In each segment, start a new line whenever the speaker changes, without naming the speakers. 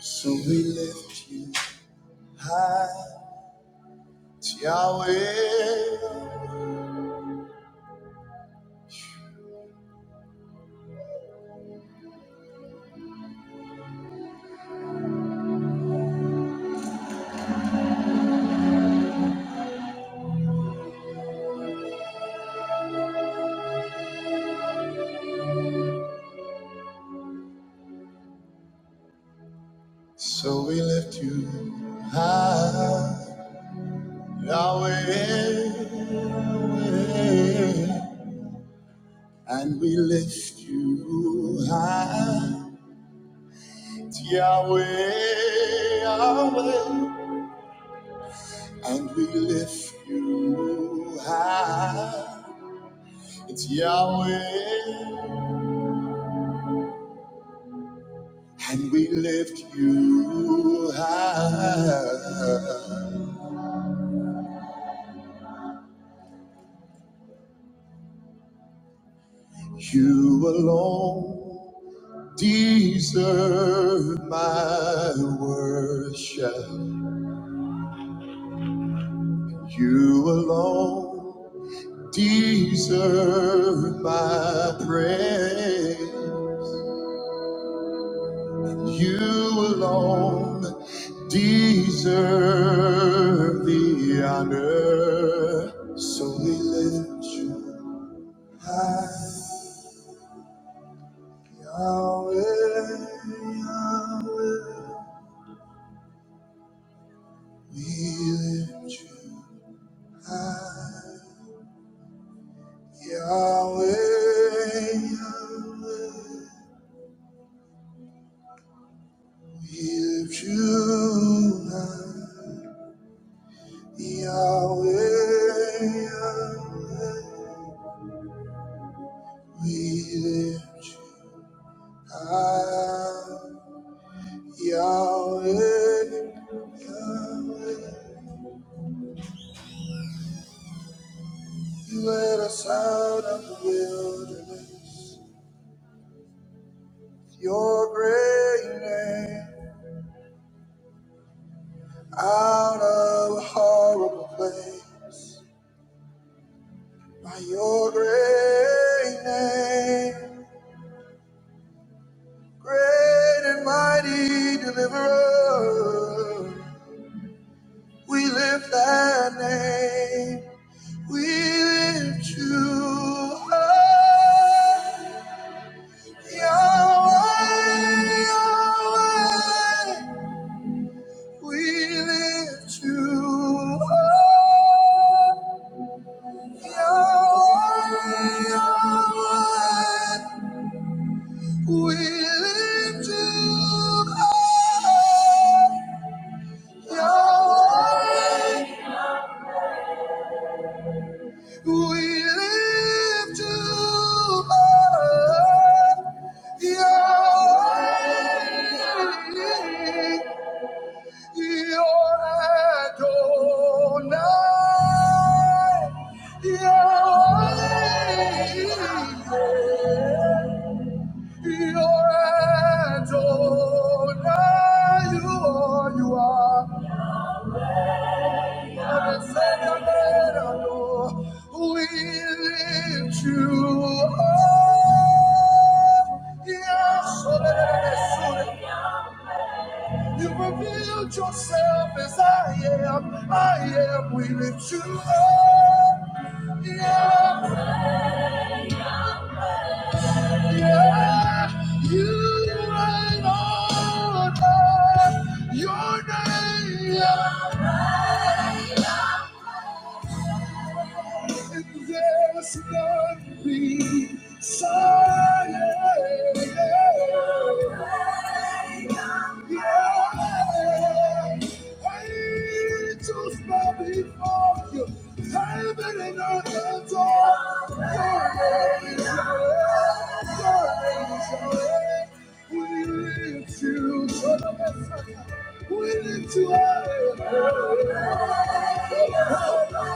So we lift you high, Yahweh. So we lift you high, Yahweh. And we lift you high, Yahweh, Yahweh. And we lift you high, Yahweh. And we lift you high. You alone deserve my worship. You alone deserve my praise. You alone deserve the honor. So we lift you high. Yahweh, Yahweh, we lift you high. Yahweh, Yahweh, we lift you high. Yahweh, Yahweh, we lift you high. Yahweh, Yahweh, you led us out of the wilderness. Your great name out of a horrible place. By your great name, great and mighty deliverer, we lift that name. We lift you high, Yahweh, Yahweh. We lift you high. Yeah. You're Adonai, you are, you are. Lord and Savior, We lift you up. Yes, oh, You revealed yourself as I am. I am. We lift you up. Yeah. Your name, and There's none beside you. Yeah. Angels bow before you. Heaven and earth adore your name. Your name We lift you to the up. Willing to us.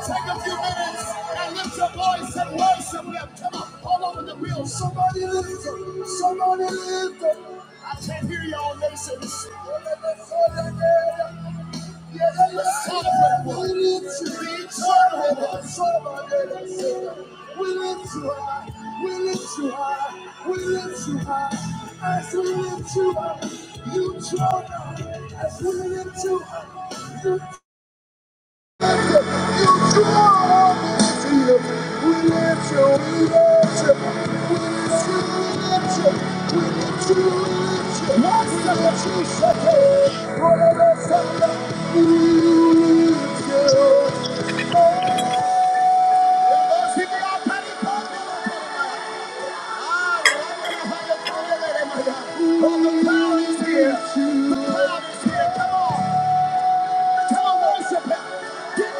Take a few minutes and lift your voice and worship Him. Come on, all over the wheel. Somebody lift Him. Somebody lift Him. I can't hear y'all nations. We lift you high. We lift you high. We lift you high. As we lift you up, you draw us. As we lift you up. you Get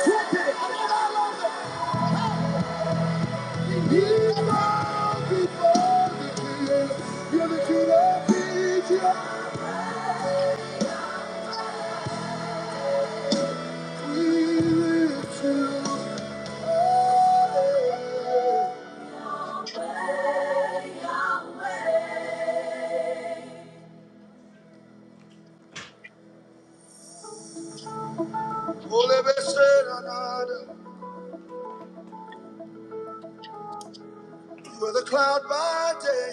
trumpeted all over You are the cloud by day,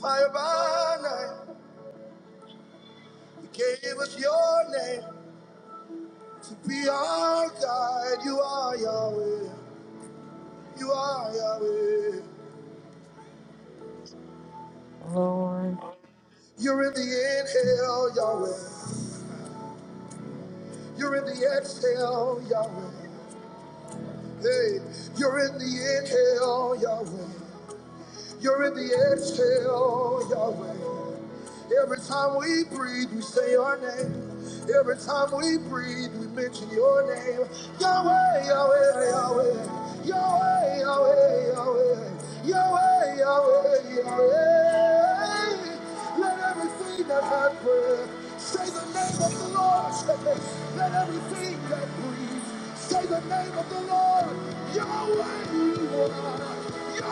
fire by night. You gave us your name to be our guide. You are Yahweh. You are Yahweh.
Lord.
You're in the inhale, Yahweh. You're in the exhale, Yahweh. Hey, you're in the inhale, Yahweh. You're in the exhale, Yahweh. Every time we breathe, we say your name. Every time we breathe, we mention your name. Yahweh, Yahweh, Yahweh. Yahweh, Yahweh, Yahweh. Yahweh, Yahweh, Yahweh. Let everything that has breath say the name of the Lord. Let everything that breathes say the name of the Lord. Yahweh, you are.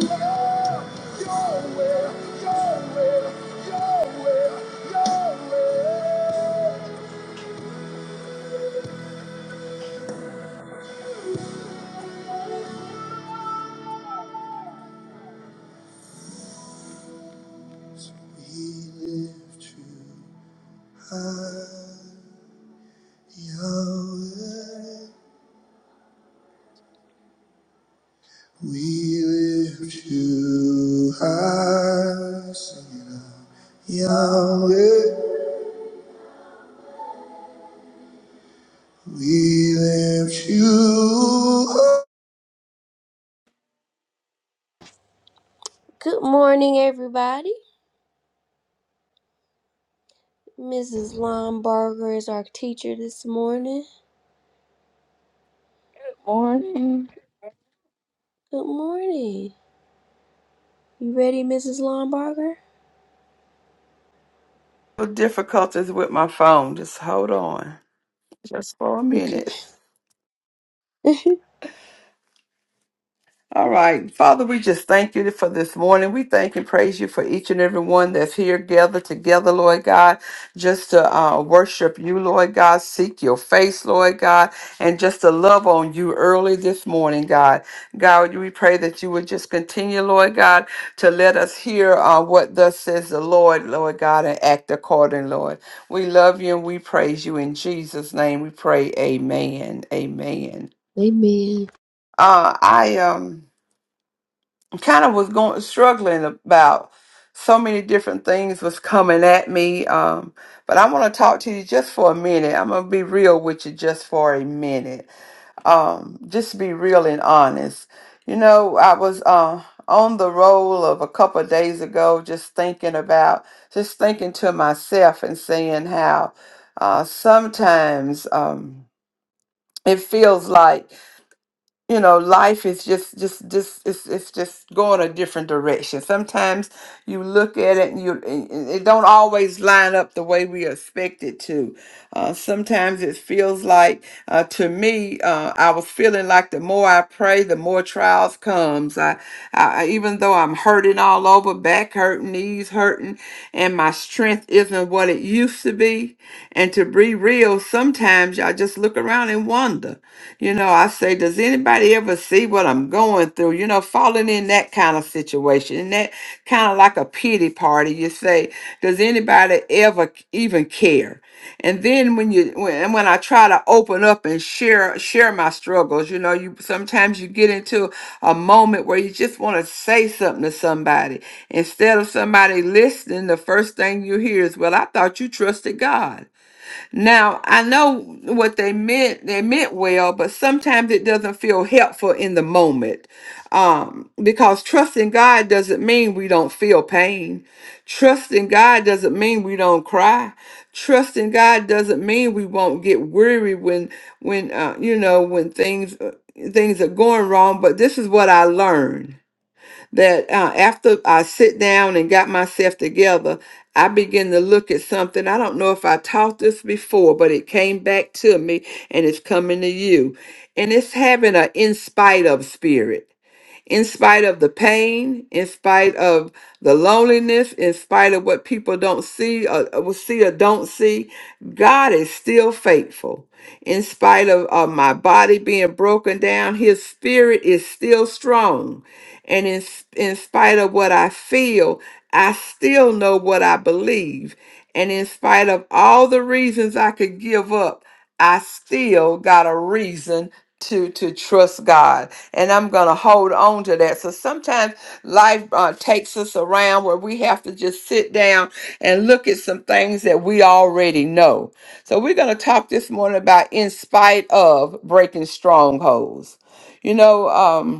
Yahweh, you are. Yahweh, Yahweh. So Good morning, everybody. Mrs. Lombarger is our teacher this morning.
Good morning.
Good morning. You ready, Mrs. Lombarger?
difficulties with my phone. Just hold on, just for a
Okay.
minute. All right. Father, we just thank you for this morning. We thank and praise you for each and every one that's here gathered together, Lord God, just to uh, worship you, Lord God, seek your face, Lord God, and just to love on you early this morning, God. God, we pray that you would just continue, Lord God, to let us hear uh, what thus says the Lord, Lord God, and act according, Lord. We love you and we praise you. In Jesus' name we pray. Amen. Amen.
Amen.
Uh, I um kind of was going struggling about so many different things was coming at me um but i want to talk to you just for a minute i'm gonna be real with you just for a minute um just be real and honest you know i was uh on the roll of a couple of days ago just thinking about just thinking to myself and saying how uh sometimes um it feels like you know life is just just just it's, it's just going a different direction sometimes you look at it and you and- and it don't always line up the way we expect it to uh, sometimes it feels like uh, to me uh, i was feeling like the more i pray the more trials comes I, I I- even though i'm hurting all over back hurting knees hurting and my strength isn't what it used to be and to be real sometimes i just look around and wonder you know, I say, does anybody ever see what I'm going through? You know, falling in that kind of situation, in that kind of like a pity party. You say, does anybody ever c- even care? And then when you when and when I try to open up and share share my struggles, you know, you sometimes you get into a moment where you just want to say something to somebody. Instead of somebody listening, the first thing you hear is, "Well, I thought you trusted God." Now, I know what they meant, they meant well, but sometimes it doesn't feel helpful in the moment. Um, because trusting God doesn't mean we don't feel pain. Trusting God doesn't mean we don't cry. Trusting God doesn't mean we won't get weary when when uh, you know when things uh, things are going wrong, but this is what I learned that uh, after I sit down and got myself together, I begin to look at something. I don't know if I taught this before, but it came back to me and it's coming to you. And it's having an in spite of spirit in spite of the pain, in spite of the loneliness, in spite of what people don't see or, or see or don't see, God is still faithful. In spite of, of my body being broken down, his spirit is still strong. And in, s- in spite of what I feel, I still know what I believe. And in spite of all the reasons I could give up, I still got a reason to to trust God and I'm going to hold on to that. So sometimes life uh, takes us around where we have to just sit down and look at some things that we already know. So we're going to talk this morning about in spite of breaking strongholds. You know, um,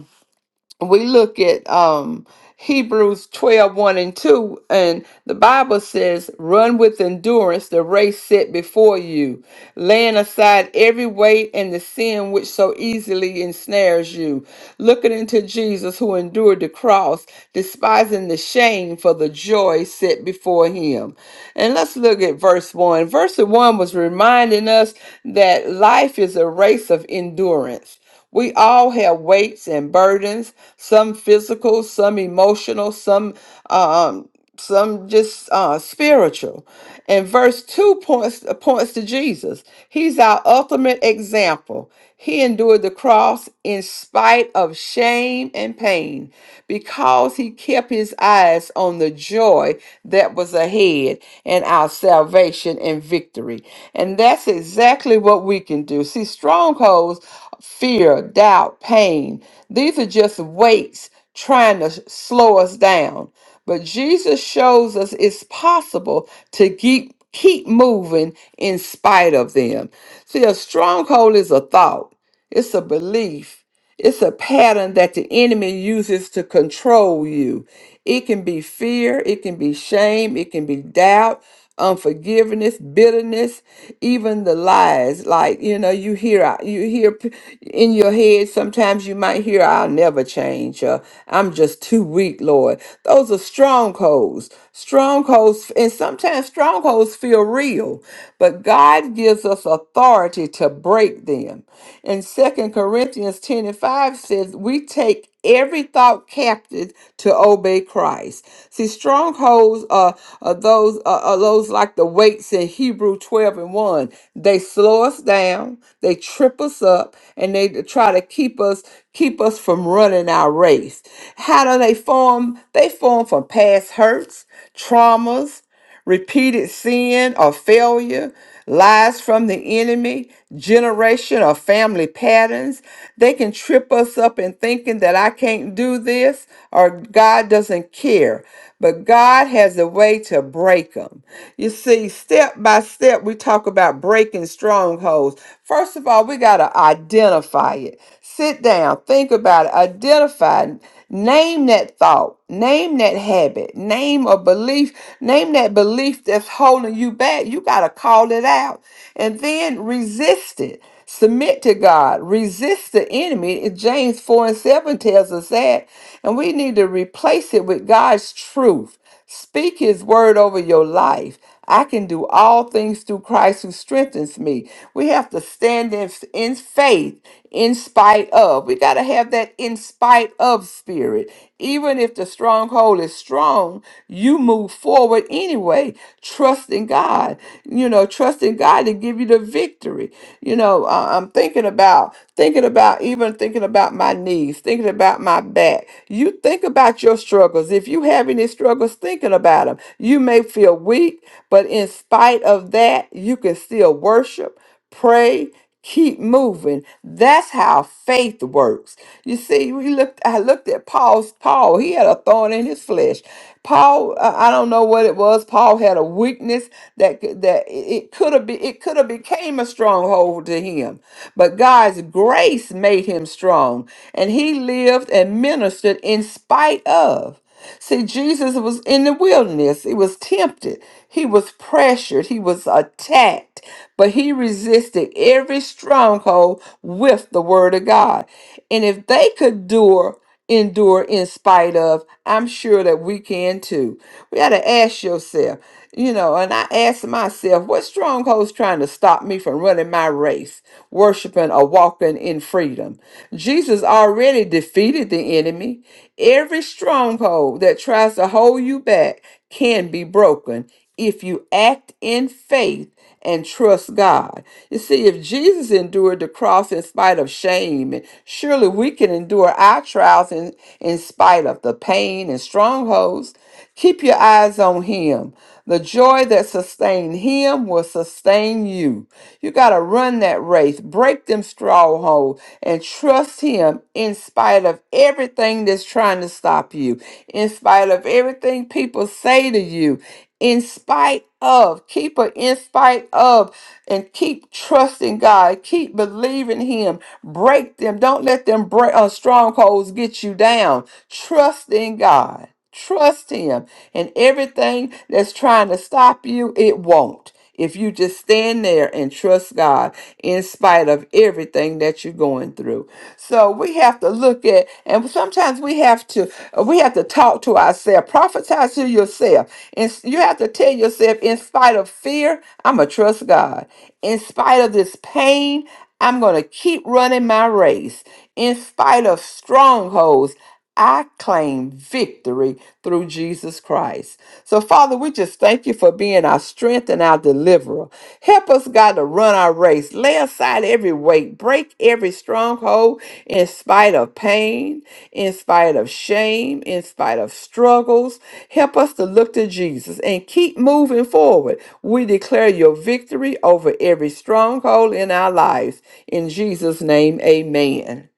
we look at um Hebrews twelve one and 2, and the Bible says, Run with endurance the race set before you, laying aside every weight and the sin which so easily ensnares you, looking into Jesus who endured the cross, despising the shame for the joy set before him. And let's look at verse 1. Verse 1 was reminding us that life is a race of endurance. We all have weights and burdens, some physical, some emotional, some um, some just uh spiritual and verse 2 points uh, points to jesus he's our ultimate example he endured the cross in spite of shame and pain because he kept his eyes on the joy that was ahead and our salvation and victory and that's exactly what we can do see strongholds fear doubt pain these are just weights trying to slow us down but Jesus shows us it's possible to keep keep moving in spite of them. See, a stronghold is a thought, it's a belief, it's a pattern that the enemy uses to control you. It can be fear, it can be shame, it can be doubt, unforgiveness, bitterness, even the lies. Like, you know, you hear uh, you hear p- in your head sometimes you might hear I'll never change or I'm just too weak, Lord. Those are strongholds. Strongholds and sometimes strongholds feel real, but God gives us authority to break them. And Second Corinthians 10 and 5 says, We take take every thought captive to obey Christ. See, strongholds are, are those are, are those like the weights in Hebrew 12 and 1. They slow us down, they trip us up, and they try to keep us keep us from running our race. How do they form? They form from past hurts, traumas repeated sin or failure, lies from the enemy, generation or family patterns. They can trip us up in thinking that I can't do this or God doesn't care. But God has a way to break them. You see, step by step, we talk about breaking strongholds. First of all, we got to identify it. Sit down, think about it, identify, it, name Name that thought. Name that habit. Name a belief. Name that belief that's holding you back. You got to call it out and then resist it. Submit to God. Resist the enemy. James 4 and 7 tells us that. And we need to replace it with God's truth. Speak his word over your life. I can do all things through Christ who strengthens me. We have to stand in, in faith in spite of. We got to have that in spite of spirit. Even if the stronghold is strong, you move forward anyway, trusting God, you know, trusting God to give you the victory. You know, I- I'm thinking about, thinking about, even thinking about my knees, thinking about my back. You think Think about your struggles. If you have any struggles, thinking about them. You may feel weak, but in spite of that, you can still worship, pray, keep moving. That's how faith works. You see, we looked. I looked at Paul's Paul. He had a thorn in his flesh. Paul, uh, I don't know what it was. Paul had a weakness that c- that it could have been. It could have became a stronghold to him, but God's grace made him strong and he lived and ministered in spite of. See, Jesus was in the wilderness. He was tempted. He was pressured. He was attacked. But he resisted every stronghold with the word of God. And if they could endure endure in spite of, I'm sure that we can too. We got to ask yourself, you know, and I ask myself, what strongholds trying to stop me from running my race, worshiping or walking in freedom? Jesus already defeated the enemy. Every stronghold that tries to hold you back can be broken if you act in faith and trust God. You see, if Jesus endured the cross in spite of shame, surely we can endure our trials in, in spite of the pain and strongholds. Keep your eyes on Him. The joy that sustained Him will sustain you. You got to run that race, break them strongholds, and trust Him in spite of everything that's trying to stop you, in spite of everything people say to you, in spite of, keep her in spite of, and keep trusting God, keep believing Him. Break them. Don't let them break, uh, strongholds get you down. Trust in God. Trust Him. And everything that's trying to stop you, it won't. If you just stand there and trust God in spite of everything that you're going through. So we have to look at, and sometimes we have to, we have to talk to ourselves, prophesy to yourself. And s- you have to tell yourself, in spite of fear, I'm going to trust God. In spite of this pain, I'm going to keep running my race. In spite of strongholds, I claim victory through Jesus Christ. So, Father, we just thank you for being our strength and our deliverer. Help us, God, to run our race, lay aside every weight, break every stronghold in spite of pain, in spite of shame, in spite of struggles. Help us to look to Jesus and keep moving forward. We declare your victory over every stronghold in our lives. In Jesus' name, amen.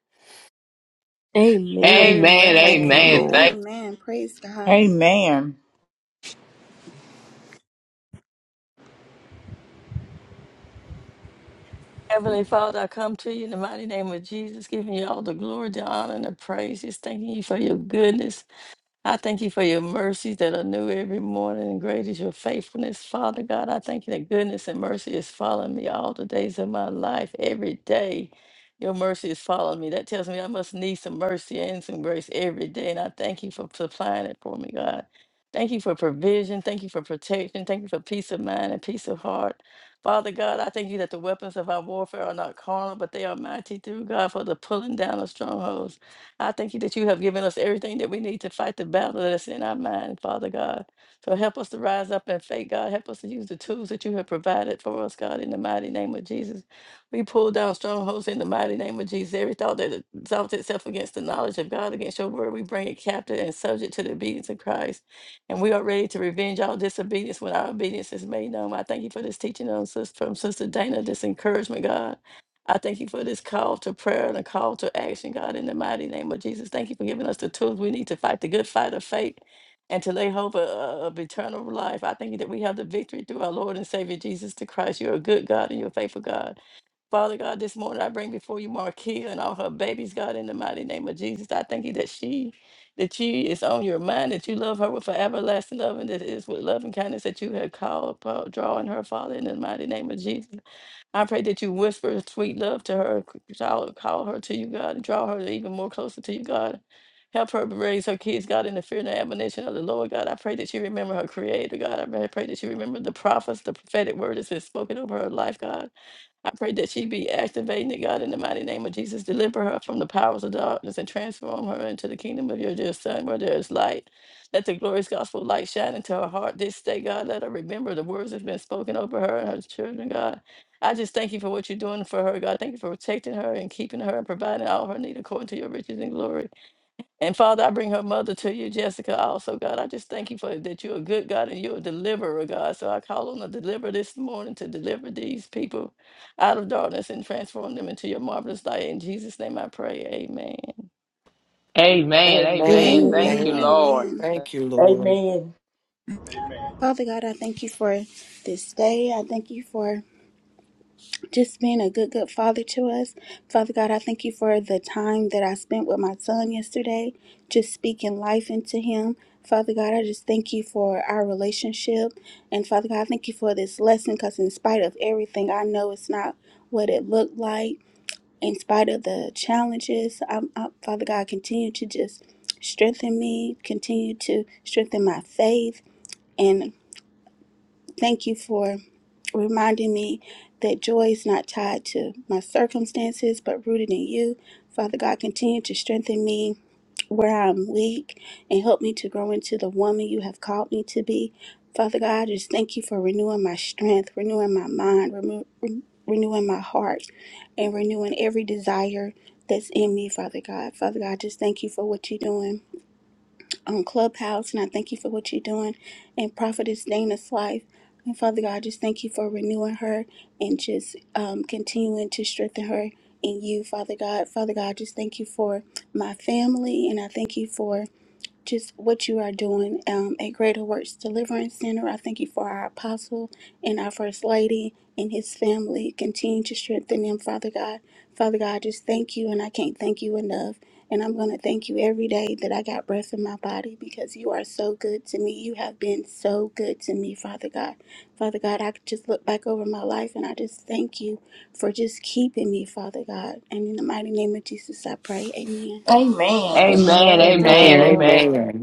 Amen.
Amen.
Thank you,
Amen.
Amen.
Amen.
Lord.
Thank.
Amen. Praise God.
Amen.
Heavenly Father, I come to you in the mighty name of Jesus, giving you all the glory, the honor, and the praise. Just thanking you for your goodness. I thank you for your mercies that are new every morning, and great is your faithfulness, Father God. I thank you that goodness and mercy is following me all the days of my life, every day. Your mercy is following me. That tells me I must need some mercy and some grace every day. And I thank you for supplying it for me, God. Thank you for provision. Thank you for protection. Thank you for peace of mind and peace of heart. Father God, I thank you that the weapons of our warfare are not carnal, but they are mighty through God for the pulling down of strongholds. I thank you that you have given us everything that we need to fight the battle that's in our mind, Father God. So help us to rise up in faith, God. Help us to use the tools that you have provided for us, God, in the mighty name of Jesus. We pull down strongholds in the mighty name of Jesus. Every thought that exalts itself against the knowledge of God, against your word, we bring it captive and subject to the obedience of Christ. And we are ready to revenge all disobedience when our obedience is made known. I thank you for this teaching on, sis- from Sister Dana, this encouragement, God. I thank you for this call to prayer and a call to action, God, in the mighty name of Jesus. Thank you for giving us the tools we need to fight the good fight of faith and to lay hope of, uh, of eternal life. I thank you that we have the victory through our Lord and Savior Jesus the Christ. You're a good God and you're a faithful God. Father God, this morning I bring before you Marquia and all her babies, God, in the mighty name of Jesus. I thank you that she that she is on your mind, that you love her with an everlasting love, and that it is with love and kindness that you have called, upon- drawing her, Father, in the mighty name of Jesus. I pray that you whisper sweet love to her, call, call her to you, God, and draw her even more closer to you, God. Help her raise her kids, God, in the fear and the admonition of the Lord, God. I pray that you remember her creator, God. I pray pray that you remember the prophets, the prophetic word that's been spoken over her life, God. I pray that she be activated, that God, in the mighty name of Jesus. Deliver her from the powers of darkness and transform her into the kingdom of your dear Son, where there is light. Let the glorious gospel light shine into her heart this day, God. Let her remember the words that's been spoken over her and her children, God. I just thank you for what you're doing for her, God. Thank you for protecting her and keeping her and providing all her need according to your riches and glory. And Father, I bring her mother to you, Jessica, also, God. I just thank you for that you're a good God and you're a deliverer, God. So I call on the deliverer this morning to deliver these people out of darkness and transform them into your marvelous light. In Jesus' name I pray. Amen.
Amen.
Amen.
Amen. Thank
Amen.
you,
Amen.
Amen.
Lord.
Amen.
Thank you, Lord.
Amen.
Amen.
Father God, I thank you for this day. I thank you for just being a good, good father to us. Father God, I thank you for the time that I spent with my son yesterday, just speaking life into him. Father God, I just thank you for our relationship. And Father God, I thank you for this lesson because, in spite of everything, I know it's not what it looked like. in spite of the challenges, I'm, i Father God, continue to just strengthen me, continue to strengthen my faith. And thank you for reminding me that joy is not tied to my circumstances, but rooted in you. Father God, continue to strengthen me where I'm weak and help me to grow into the woman you have called me to be. Father God, I just thank you for renewing my strength, renewing my mind, remo- re- renewing my heart, and renewing every desire that's in me, Father God. Father God, I just thank you for what you're doing on Clubhouse, and I thank you for what you're doing in Prophetess Dana's life. And Father God, I just thank you for renewing her and just um, continuing to strengthen her in you, Father God. Father God, I just thank you for my family, and I thank you for just what you are doing um, at Greater Works Deliverance Center. I thank you for our apostle and our first lady and his family. Continue to strengthen them, Father God. Father God, I just thank you, and I can't thank you enough. And I'm going to thank you every day that I got breath in my body because you are so good to me. You have been so good to me, Father God. Father God, I could just look back over my life and I just thank you for just keeping me, Father God. And in the mighty name of Jesus, I pray. Amen.
Amen. Amen.
Amen.
Amen. Thank you,
Amen. Amen.
Lord.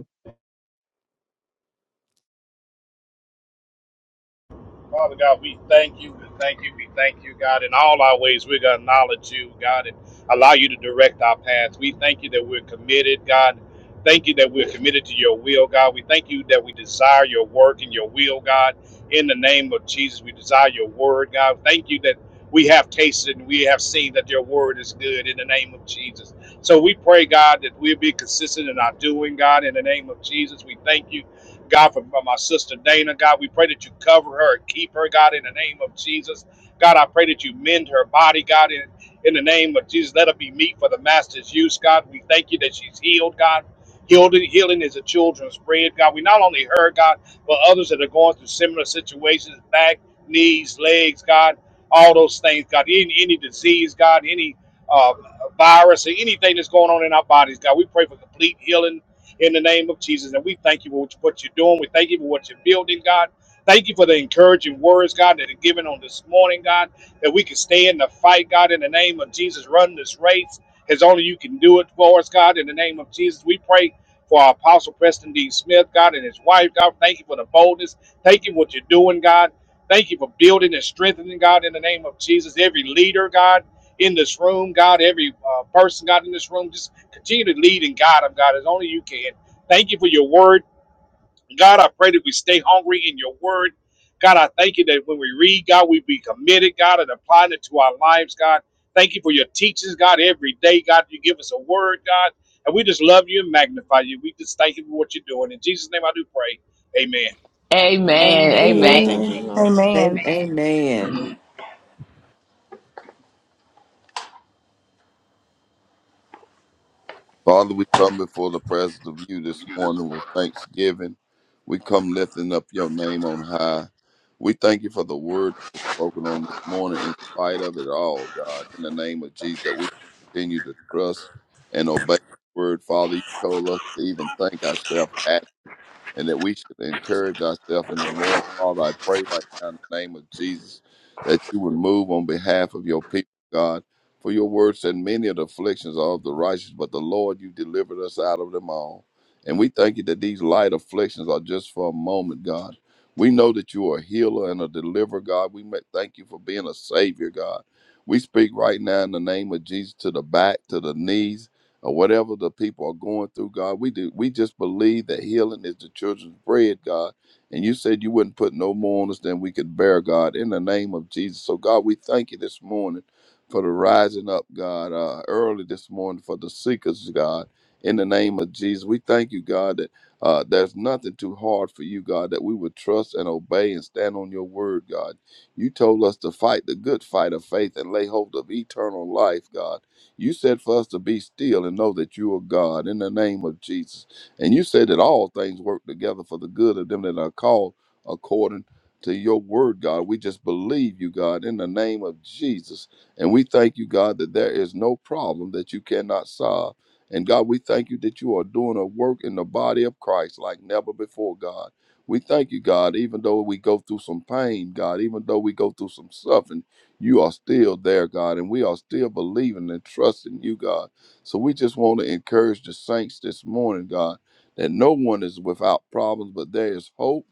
Father God, we thank you. We thank you. We thank you, God. In all our ways, we're going to acknowledge you, God, and allow you to direct our paths. We thank you that we're committed, God. Thank you that we're committed to your will, God. We thank you that we desire your work and your will, God. In the name of Jesus, we desire your word, God. Thank you that we have tasted and we have seen that your word is good in the name of Jesus. So we pray, God, that we'll be consistent in our doing, God, in the name of Jesus. We thank you God, for, my sister Dana, God, we pray that you cover her and keep her, God, in the name of Jesus. God, I pray that you mend her body, God, in, in the name of Jesus. Let her be meat for the master's use, God. We thank you that she's healed, God. Healing, healing is a children's bread, God. We not only her, God, but others that are going through similar situations, back, knees, legs, God, all those things, God. Any, any disease, God, any uh, virus or anything that's going on in our bodies, God. We pray for complete healing in the name of Jesus. And we thank you for what you're doing. We thank you for what you're building, God. Thank you for the encouraging words, God, that are given on this morning, God, that we can stay in the fight, God, in the name of Jesus. Run this race as only you can do it for us, God, in the name of Jesus. We pray for our Apostle Preston D. Smith, God, and his wife, God. Thank you for the boldness. Thank you for what you're doing, God. Thank you for building and strengthening, God, in the name of Jesus. Every leader, God, in this room, God, every uh, person, God, in this room, just Continue to lead and guide them, God, as only you can. Thank you for your word. God, I pray that we stay hungry in your word. God, I thank you that when we read, God, we be committed, God, and applying it to our lives, God. Thank you for your teachings, God, every day, God. You give us a word, God, and we just love you and magnify you. We just thank you for what you're doing. In Jesus' name, I do pray. Amen.
Amen.
Amen.
Amen.
Amen.
Thank you,
Amen.
Amen.
Amen.
Lord.
Amen.
Am-
Amen.
Amen.
Father, we come before the presence of you this morning with thanksgiving. We come lifting up your name on high. We thank you for the word that was spoken on this morning in spite of it all, God, in the name of Jesus, that we continue to trust and obey the word. Father, you told us to even thank ourselves and that we should encourage ourselves in the Lord. Father, I pray right now in the name of Jesus that you would move on behalf of your people, God. For your word said, Many of the afflictions are of the righteous, but the Lord, you delivered us out of them all. And we thank you that these light afflictions are just for a moment, God. We know that you are a healer and a deliverer, God. We ma- thank you for being a savior, God. We speak right now in the name of Jesus to the back, to the knees, or whatever the people are going through, God. We do we just believe that healing is the children's bread, God. And you said you wouldn't put no more on us than we could bear, God, in the name of Jesus. So God, we thank you this morning for the rising up, God, uh, early this morning for the seekers, God. In the name of Jesus, we thank you, God, that uh, there's nothing too hard for you, God, that we would trust and obey and stand on your word, God. You told us to fight the good fight of faith and lay hold of eternal life, God. You said for us to be still and know that you are God in the name of Jesus. And you said that all things work together for the good of them that are called according to your word, God. We just believe you, God, in the name of Jesus. And we thank you, God, that there is no problem that you cannot solve. And God, we thank you that you are doing a work in the body of Christ like never before, God. We thank you, God, even though we go through some pain, God, even though we go through some suffering you are still there, God, and we are still believing and trusting you, God. So we just want to encourage the saints this morning, God, that no one is without problems, but there is hope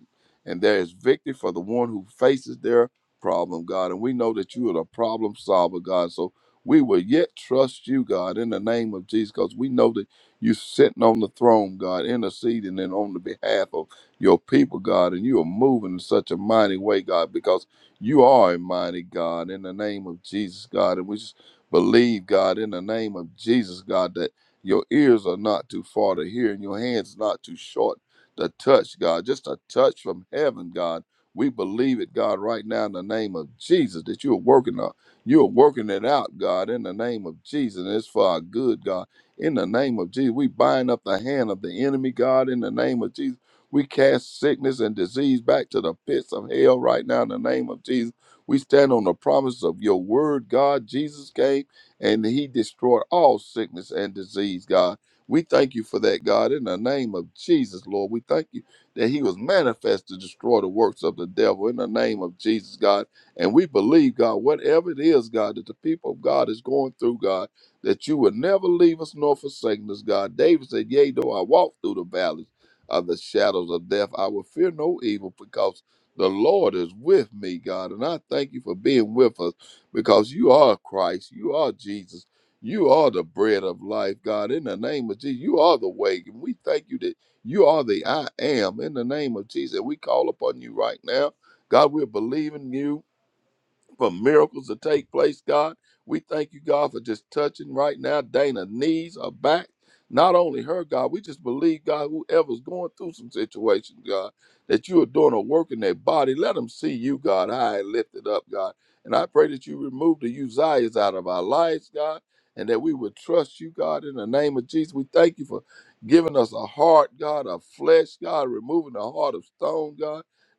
and there is victory for the one who faces their problem, God. And we know that you are the problem solver, God. So we will yet trust you, God, in the name of Jesus, because we know that you are sitting on the throne, God, interceding and on the behalf of your people, God, and you are moving in such a mighty way, God, because you are a mighty God in the name of Jesus, God. And we just believe, God, in the name of Jesus, God, that your ears are not too far to hear and your hands not too short to touch, God. Just a touch from heaven, God. We believe it, God, right now in the name of Jesus, that you are working on. You are working it out, God, in the name of Jesus. And it's for our good, God. In the name of Jesus, we bind up the hand of the enemy, God, in the name of Jesus. We cast sickness and disease back to the pits of hell right now in the name of Jesus. We stand on the promise of your word, God. Jesus came and he destroyed all sickness and disease, God. We thank you for that, God, in the name of Jesus, Lord. We thank you that he was manifest to destroy the works of the devil in the name of Jesus, God. And we believe, God, whatever it is, God, that the people of God is going through, God, that you would never leave us nor forsake us, God. David said, Yea, though I walk through the valleys of the shadows of death. I will fear no evil because the Lord is with me, God. And I thank you for being with us because you are Christ. You are Jesus. You are the bread of life, God. In the name of Jesus, you are the way. And we thank you that you are the I am. In the name of Jesus, we call upon you right now. God, we're believing you for miracles to take place, God. We thank you, God, for just touching right now. Dana's knees are back. Not only her, God, we just believe, God, whoever's going through some situation, God, that you are doing a work in their body. Let them see you, God, high and lifted up, God. And I pray that you remove the Uzziahs out of our lives, God, and that we would trust you, God, in the name of Jesus. We thank you for giving us a heart, God, of flesh, God, removing the heart of stone, God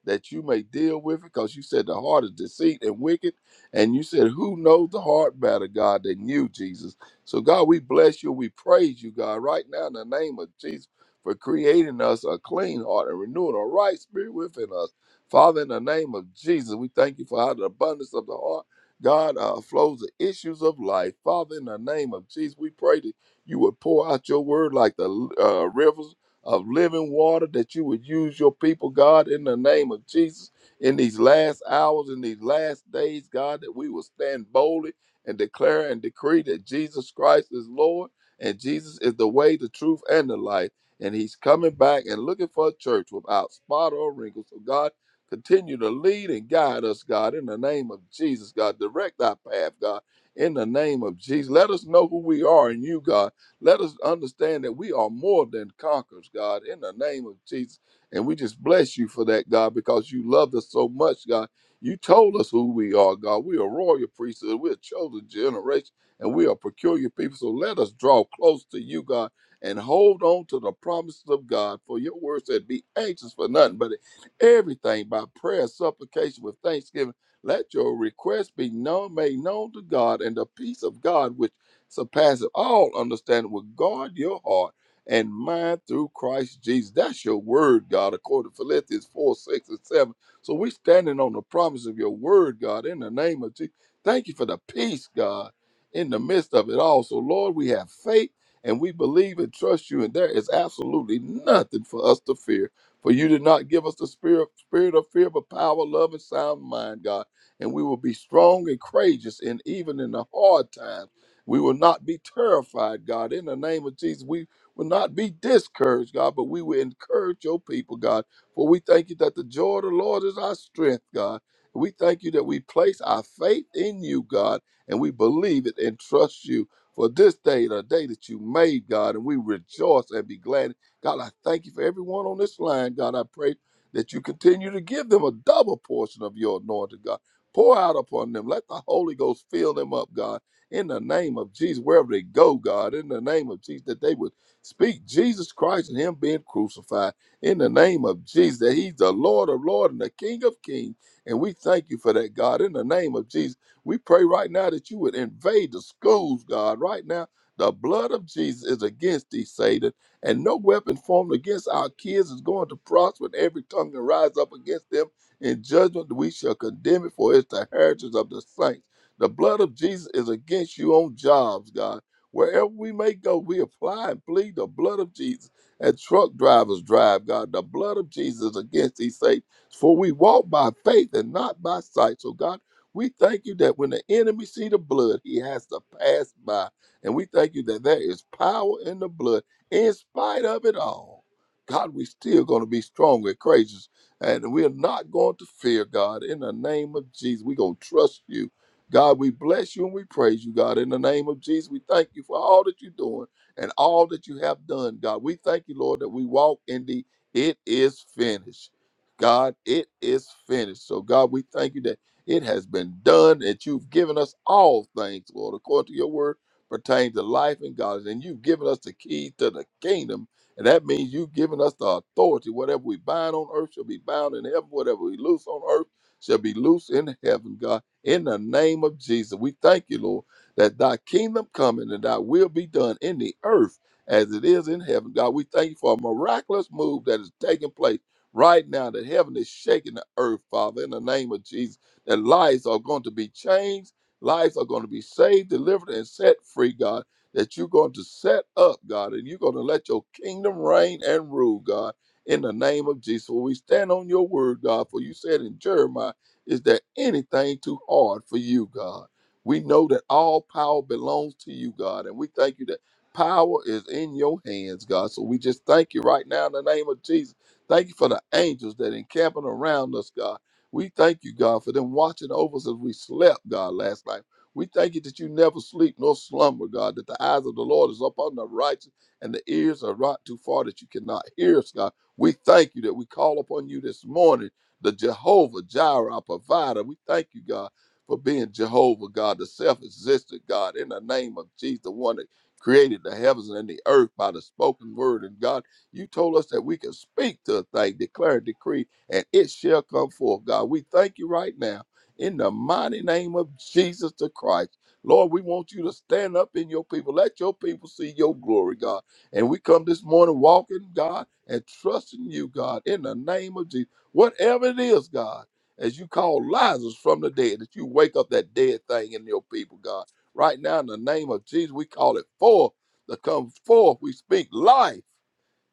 that you may deal with it, because you said the heart is deceit and wicked. And you said, Who knows the heart better, God, than you, Jesus? So, God, we bless you. We praise you, God, right now in the name of Jesus for creating us a clean heart and renewing a right spirit within us. Father, in the name of Jesus, we thank you for how the abundance of the heart, God, uh, flows the issues of life. Father, in the name of Jesus, we pray that you would pour out your word like the uh, rivers of living water, that you would use your people, God, in the name of Jesus, in these last hours, in these last days, God, that we will stand boldly and declare and decree that Jesus Christ is Lord and Jesus is the way, the truth, and the life. And he's coming back and looking for a church without spot or wrinkle. So, God, continue to lead and guide us, God, in the name of Jesus, God. Direct our path, God, in the name of Jesus. Let us know who we are in you, God let us understand that we are more than conquerors, God, in the name of Jesus. And we just bless you for that, God, because you loved us so much, God. You told us who we are, God. We are royal priesthood. We're a chosen generation and we are peculiar people. So let us draw close to you, God, and hold on to the promises of God. For your word said, Be anxious for nothing, but everything by prayer, supplication, with thanksgiving. Let your request be known, made known to God, and the peace of God, which surpasseth all understanding, will guard your heart and mind through Christ Jesus. That's your word, God, according to Philippians 4, 6, and 7. So we standing on the promise of your word, God, in the name of Jesus. Thank you for the peace, God, in the midst of it all. So, Lord, we have faith and we believe and trust you, and there is absolutely nothing for us to fear. For you did not give us the spirit, spirit of fear, but power, love, and sound mind, God and we will be strong and courageous and even in the hard times we will not be terrified, God. In the name of Jesus, we will not be discouraged, God, but we will encourage your people, God. For we thank you that the joy of the Lord is our strength, God. We thank you that we place our faith in you, God, and we believe it and trust you. For this day, the day that you made, God, and we rejoice and be glad. God, I thank you for everyone on this line, God. I pray that you continue to give them a double portion of your anointing, God. Pour out upon them. Let the Holy Ghost fill them up, God in the name of Jesus, wherever they go, God, in the name of Jesus, that they would speak Jesus Christ and Him being crucified in the name of Jesus, that He's the Lord of Lords and the King of Kings. And we thank you for that, God, in the name of Jesus. We pray right now that you would invade the schools, God, right now. The blood of Jesus is against thee, Satan, and no weapon formed against our kids is going to prosper. And every tongue that rise up against them in judgment, we shall condemn it, for it's the heritage of the saints. The blood of Jesus is against you on jobs, God. Wherever we may go, we apply and plead the blood of Jesus. And truck drivers drive, God, the blood of Jesus against these saints. For we walk by faith and not by sight. So, God, we thank you that when the enemy see the blood, he has to pass by. And we thank you that there is power in the blood in spite of it all. God, we still going to be strong and courageous. And we're not going to fear, God. In the name of Jesus, we're going to trust you. God, we bless you and we praise you, God. In the name of Jesus, we thank you for all that you're doing and all that you have done, God. We thank you, Lord, that we walk in the it is finished. God, it is finished. So, God, we thank you that it has been done, that you've given us all things, Lord, according to your word, pertains to life and God. And you've given us the key to the kingdom. And that means you've given us the authority. Whatever we bind on earth shall be bound in heaven. Whatever we loose on earth shall be loose in heaven, God. In the name of Jesus, we thank you, Lord, that thy kingdom come and that thy will be done in the earth as it is in heaven. God, we thank you for a miraculous move that is taking place right now, that heaven is shaking the earth, Father, in the name of Jesus, that lives are going to be changed, lives are going to be saved, delivered, and set free, God, that you're going to set up, God, and you're going to let your kingdom reign and rule, God, in the name of Jesus. we stand on your word, God, for you said in Jeremiah. Is there anything too hard for you, God? We know that all power belongs to you, God, and we thank you that power is in your hands, God. So we just thank you right now in the name of Jesus. Thank you for the angels that encamping around us, God. We thank you, God, for them watching over us as we slept, God, last night. We thank you that you never sleep nor slumber, God, that the eyes of the Lord is upon the righteous and the ears are right too far that you cannot hear us, God. We thank you that we call upon you this morning the Jehovah Jireh, our provider. We thank you, God, for being Jehovah, God, the self existent God, in the name of Jesus, the one that created the heavens and the earth by the spoken word. And God, you told us that we can speak to a thing, declare a decree, and it shall come forth, God. We thank you right now in the mighty name of Jesus the Christ. Lord, we want you to stand up in your people. Let your people see your glory, God. And we come this morning walking, God, and trusting you, God, in the name of Jesus. Whatever it is, God, as you call Lazarus from the dead, that you wake up that dead thing in your people, God. Right now, in the name of Jesus, we call it forth to come forth. We speak life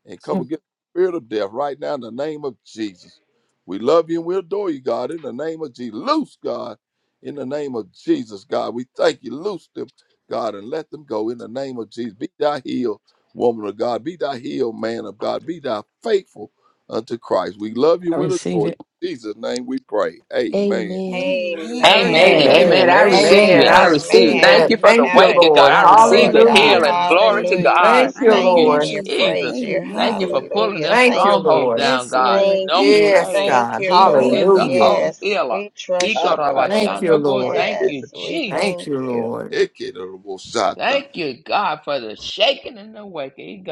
and come
Mm.
against the spirit of death right now in the name of Jesus. We love you and we adore you, God, in the name of Jesus. Loose, God, in the name of Jesus, God. We thank you. Loose them, God, and let them go in the name of Jesus. Be thy healed, woman of God. Be thy healed, man of God. Be thou faithful unto Christ. We love
I
you and
receive
adore you.
it.
In Jesus' name we pray. Amen.
Amen.
I
Amen.
Amen.
Amen.
receive it.
Amen.
Amen.
Amen.
I
Amen.
Praise
receive it.
Amen. I
Amen.
I
God.
receive it.
receive
Thank
Thank
you,
that.
you
Amen.
for the
Thank
Lord.
you,
Count it
waking, God.
Lord.
I
done,
receive
Lord
the
God.
Amen.
Hallelujah.
I
healing. Glory
receive
to
Hallelujah.
it
We
in
God.
the
Thank
just
you,
mighty
Thank
thank
you,
name of
and
Lord.
you,
Jesus.
Jesus.
praise you.
Thank you for
Amen.
pulling
Hallelujah.
them
Thank you,
Thank you.
strongholds
Lord.
down,
Yes,
God.
Lord.
Thank
No
Thank
you.
you,
Yes,
Lord.
pain.
Thank
God.
you,
Jesus
Lord.
is the
Hallelujah.
whole
Amen.
Yes.
healer.
We
Iko
trust you,
Thank
Lord.
you,
rabashano go.
Lord.
Thank you,
Yes. We
Jesus.
Thank
thank
you,
you.
Lord.
Thank you, God, for the shaking and the waking.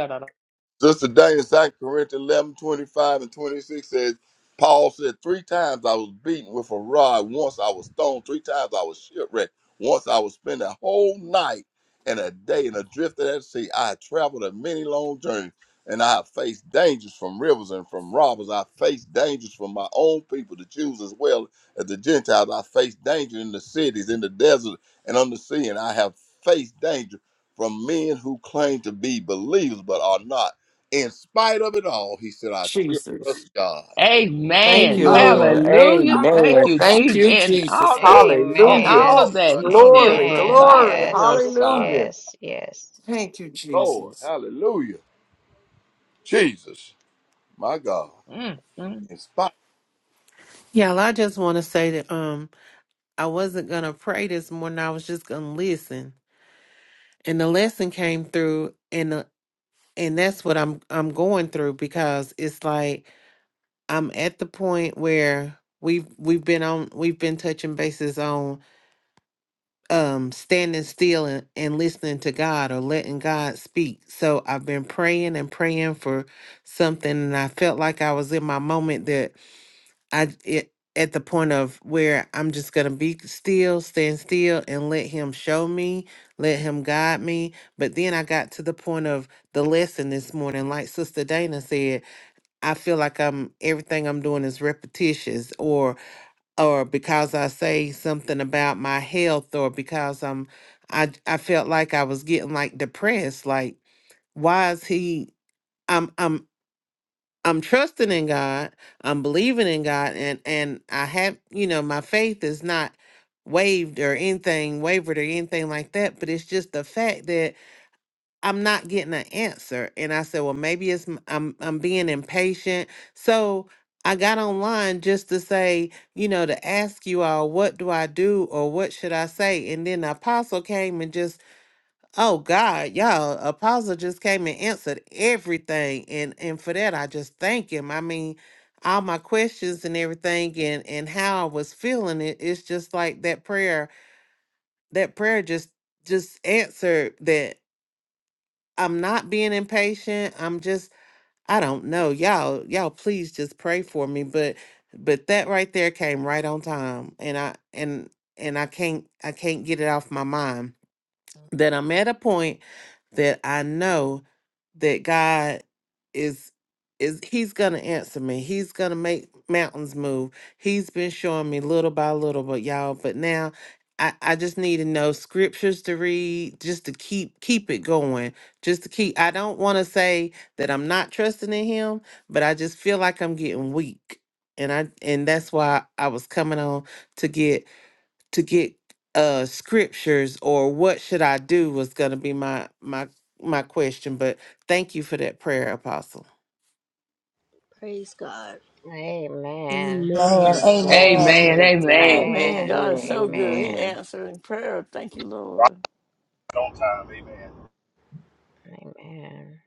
Sister Dana, Second Corinthians 11 25 and 26 says, Paul said, three times I was beaten with a rod. Once I was stoned. Three times I was shipwrecked. Once I was spent a whole night and a day in a drift at sea. I had traveled a many long journey and I have faced dangers from rivers and from robbers. I faced dangers from my own people, the Jews as well as the Gentiles. I faced danger in the cities, in the desert, and on the sea. And I have faced danger from men who claim to be believers but are not in spite of it all, he said, I still
Jesus.
trust God.
Thank
Amen.
you,
Out of,
Lord.
Amen.
Hallelujah.
out of the
Thank
Amen.
most
you,
high.
Thank
Jesus.
you,
In
Jesus.
all of
Woo!
in
All
Hallelujah.
all
talk,
Amen.
of that,
brother.
he still
Glory,
trusts
Amen.
I
God. I
glory.
still give
Trust
him
Yes.
God.
Hallelujah.
Yes. Yes.
Thank you,
Lord,
Jesus.
hallelujah. Jesus, my God.
Mm, mm.
In spite
Yeah, well, I just want to say that um, I wasn't gonna pray this morning. I was just gonna listen, and the lesson came through, and the, and that's what I'm I'm going through because it's like I'm at the point where we've we've been on we've been touching bases on um standing still and, and listening to God or letting God speak. So I've been praying and praying for something, and I felt like I was in my moment that I it, at the point of where I'm just gonna be still, stand still, and let Him show me, let Him guide me. But then I got to the point of the lesson this morning, like Sister Dana said, I feel like I'm everything I'm doing is repetitious, or or because I say something about my health, or because I'm, I I felt like I was getting like depressed, like why is he? I'm I'm. I'm trusting in God. I'm believing in God, and and I have you know my faith is not waived or anything wavered or anything like that. But it's just the fact that I'm not getting an answer, and I said, well, maybe it's m- I'm I'm being impatient. So I got online just to say, you know, to ask you all, what do I do or what should I say? And then the apostle came and just Oh God, y'all, Apostle just came and answered everything. And and for that I just thank him. I mean, all my questions and everything and and how I was feeling it, it's just like that prayer, that prayer just just answered that I'm not being impatient. I'm just I don't know. Y'all, y'all please just pray for me. But but that right there came right on time. And I and and I can't I can't get it off my mind that I'm at a point that I know that God is is he's gonna answer me. He's gonna make mountains move. He's been showing me little by little, but y'all, but now I, I just need to know scriptures to read just to keep keep it going. Just to keep I don't wanna say that I'm not trusting in him, but I just feel like I'm getting weak. And I and that's why I was coming on to get to get uh scriptures or what should I do was going to be my my my question but thank you for that prayer apostle
Praise God.
Amen.
Amen.
Amen.
Praise God.
Amen.
Amen.
Amen.
Praise
Amen.
God.
Amen.
Amen.
God is
Amen.
so good. He
Amen.
Amen.
answered in prayer. Thank you,
Right
Lord.
on time. Amen.
Amen.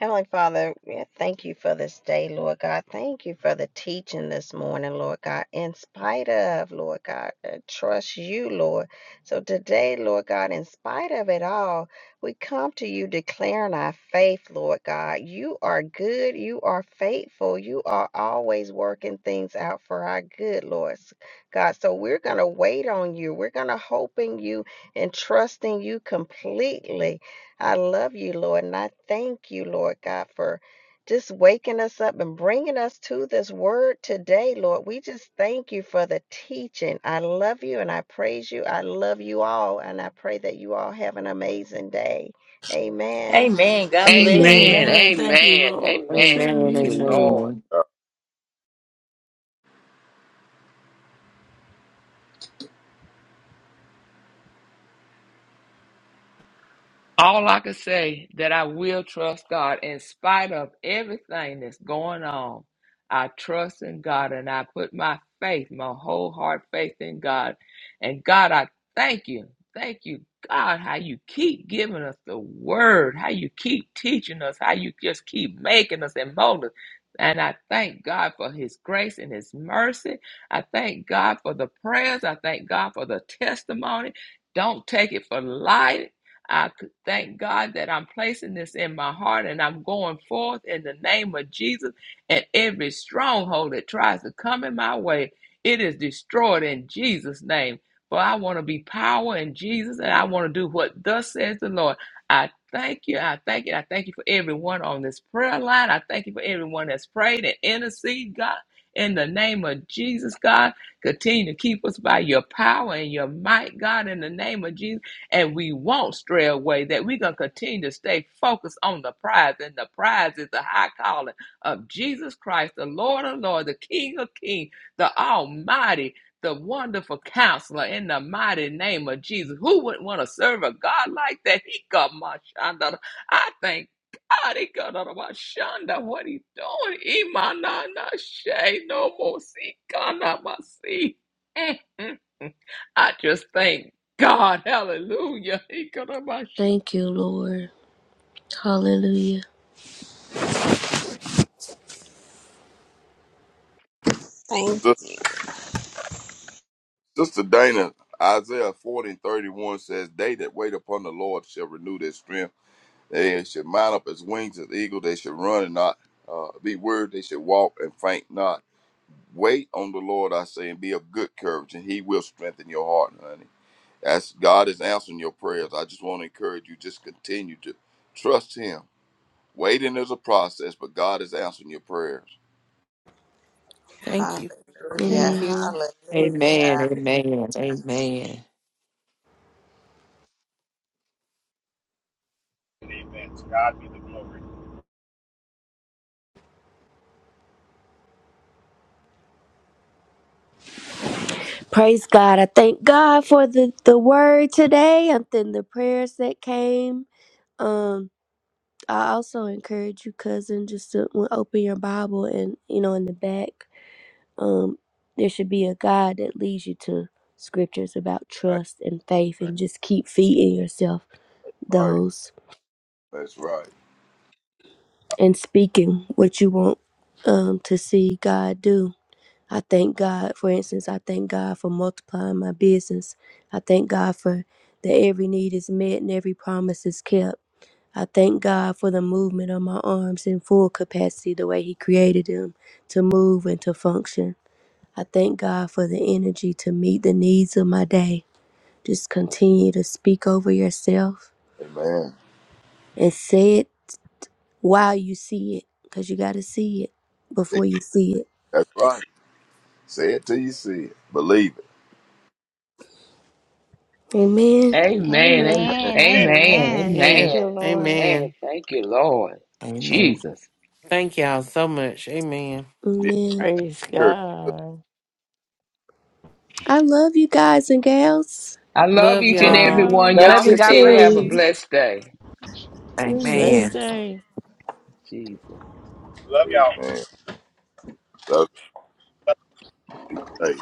Heavenly Father, we thank you for this day, Lord God. Thank you for the teaching this morning, Lord God. In spite of, Lord God, I trust you, Lord. So today, Lord God, in spite of it all, we come to you declaring our faith, Lord God. You are good. You are faithful. You are always working things out for our good, Lord God. So we're going to wait on you. We're going to hope in you and trust in you completely. I love you, Lord, and I thank you, Lord God, for just waking us up and bringing us to this word today, Lord. We just thank you for the teaching. I love you and I praise you. I love you all, and I pray that you all have an amazing day. Amen.
Amen. God bless
Amen.
you.
Amen.
Amen.
Amen.
Thank you, Lord.
Amen.
You
Amen.
Thank
too. You
you,
too.
Lord.
Amen.
Uh,
All I can say that I will trust God in spite of everything that's going on. I trust in God and I put my faith, my whole heart faith in God. And God, I thank you. Thank you, God, how you keep giving us the word, how you keep teaching us, how you just keep making us and molding us. And I thank God for his grace and his mercy. I thank God for the prayers. I thank God for the testimony. Don't take it for light. I to thank God that I'm placing this in my heart and I'm going forth in the name of Jesus. And every stronghold that tries to come in my way, it is destroyed in Jesus' name. For I want to be power in Jesus and I want to do what thus says the Lord. I thank you. I thank you. I thank you for everyone on this prayer line. I thank you for everyone that's prayed and intercede, God. In the name of Jesus, God, continue to keep us by your power and your might, God, in the name of Jesus and we won't stray away, that we're going to continue to stay focused on the prize. And the prize is the high calling of Jesus Christ, the Lord of Lord, the King of Kings, the Almighty, the wonderful counselor in the mighty name of Jesus. Who wouldn't want to serve a God like that? He got my shanda. I thank God he got out of my shanda. What he doing? Imanana shay no more see. God not my see. I just thank God, hallelujah. He got on my sh-
Thank you, Lord. Hallelujah.
Sis- Sister Dana, Isaiah 40 and 31 says, They that wait upon the Lord shall renew their strength. They shall mount up as wings as eagle. They shall run and not uh, be weary. They shall walk and faint not. Wait on the Lord, I say, and be of good courage, and He will strengthen your heart, honey. That's God is answering your prayers. I just want to encourage you, just continue to trust Him. Waiting is a process, but God is answering your prayers.
thank
Hallelujah.
you thank
Amen.
you
Amen.
Hallelujah.
Amen. Amen.
Amen. To God be the glory.
Praise God. I thank God for the, the word today and then the prayers that came. Um, I also encourage you, cousin, just to w- open your Bible and you know in the back. um, there should be a guide that leads you to scriptures about
That's
trust and faith and just keep feeding yourself
right.
those
That's right.
and speaking what you want um, to see God do. I thank God, for instance, I thank God for multiplying my business. I thank God for that every need is met and every promise is kept. I thank God for the movement of my arms in full capacity, the way He created them to move and to function. I thank God for the energy to meet the needs of my day. Just continue to speak over yourself
Amen.
and say it while you see it, because you got to see it
See-
before you see it.
That's right. Say it till you see it. Believe it.
Amen.
Amen.
Yeah,
am-
amen.
Amen.
Amen.
Amen.
Amen.
Thank
amen
you, Lord.
Amen.
amen
Thank you, Lord.
Amen.
Jesus.
thank y'all so much amen
Be
Amen.
Praise
encouraged.
God.
I love you guys and gals.
I love
love
each and
Love
Love
every
y'all
one.
y'all.
Love
Love
Y'all
you.
you
God
continue to
bless
have a
too.
you.
blessed day.
Amen.
Amen.
Blessed day.
Jesus.
Love
you.
y'all.
Amen. Love you. Hey.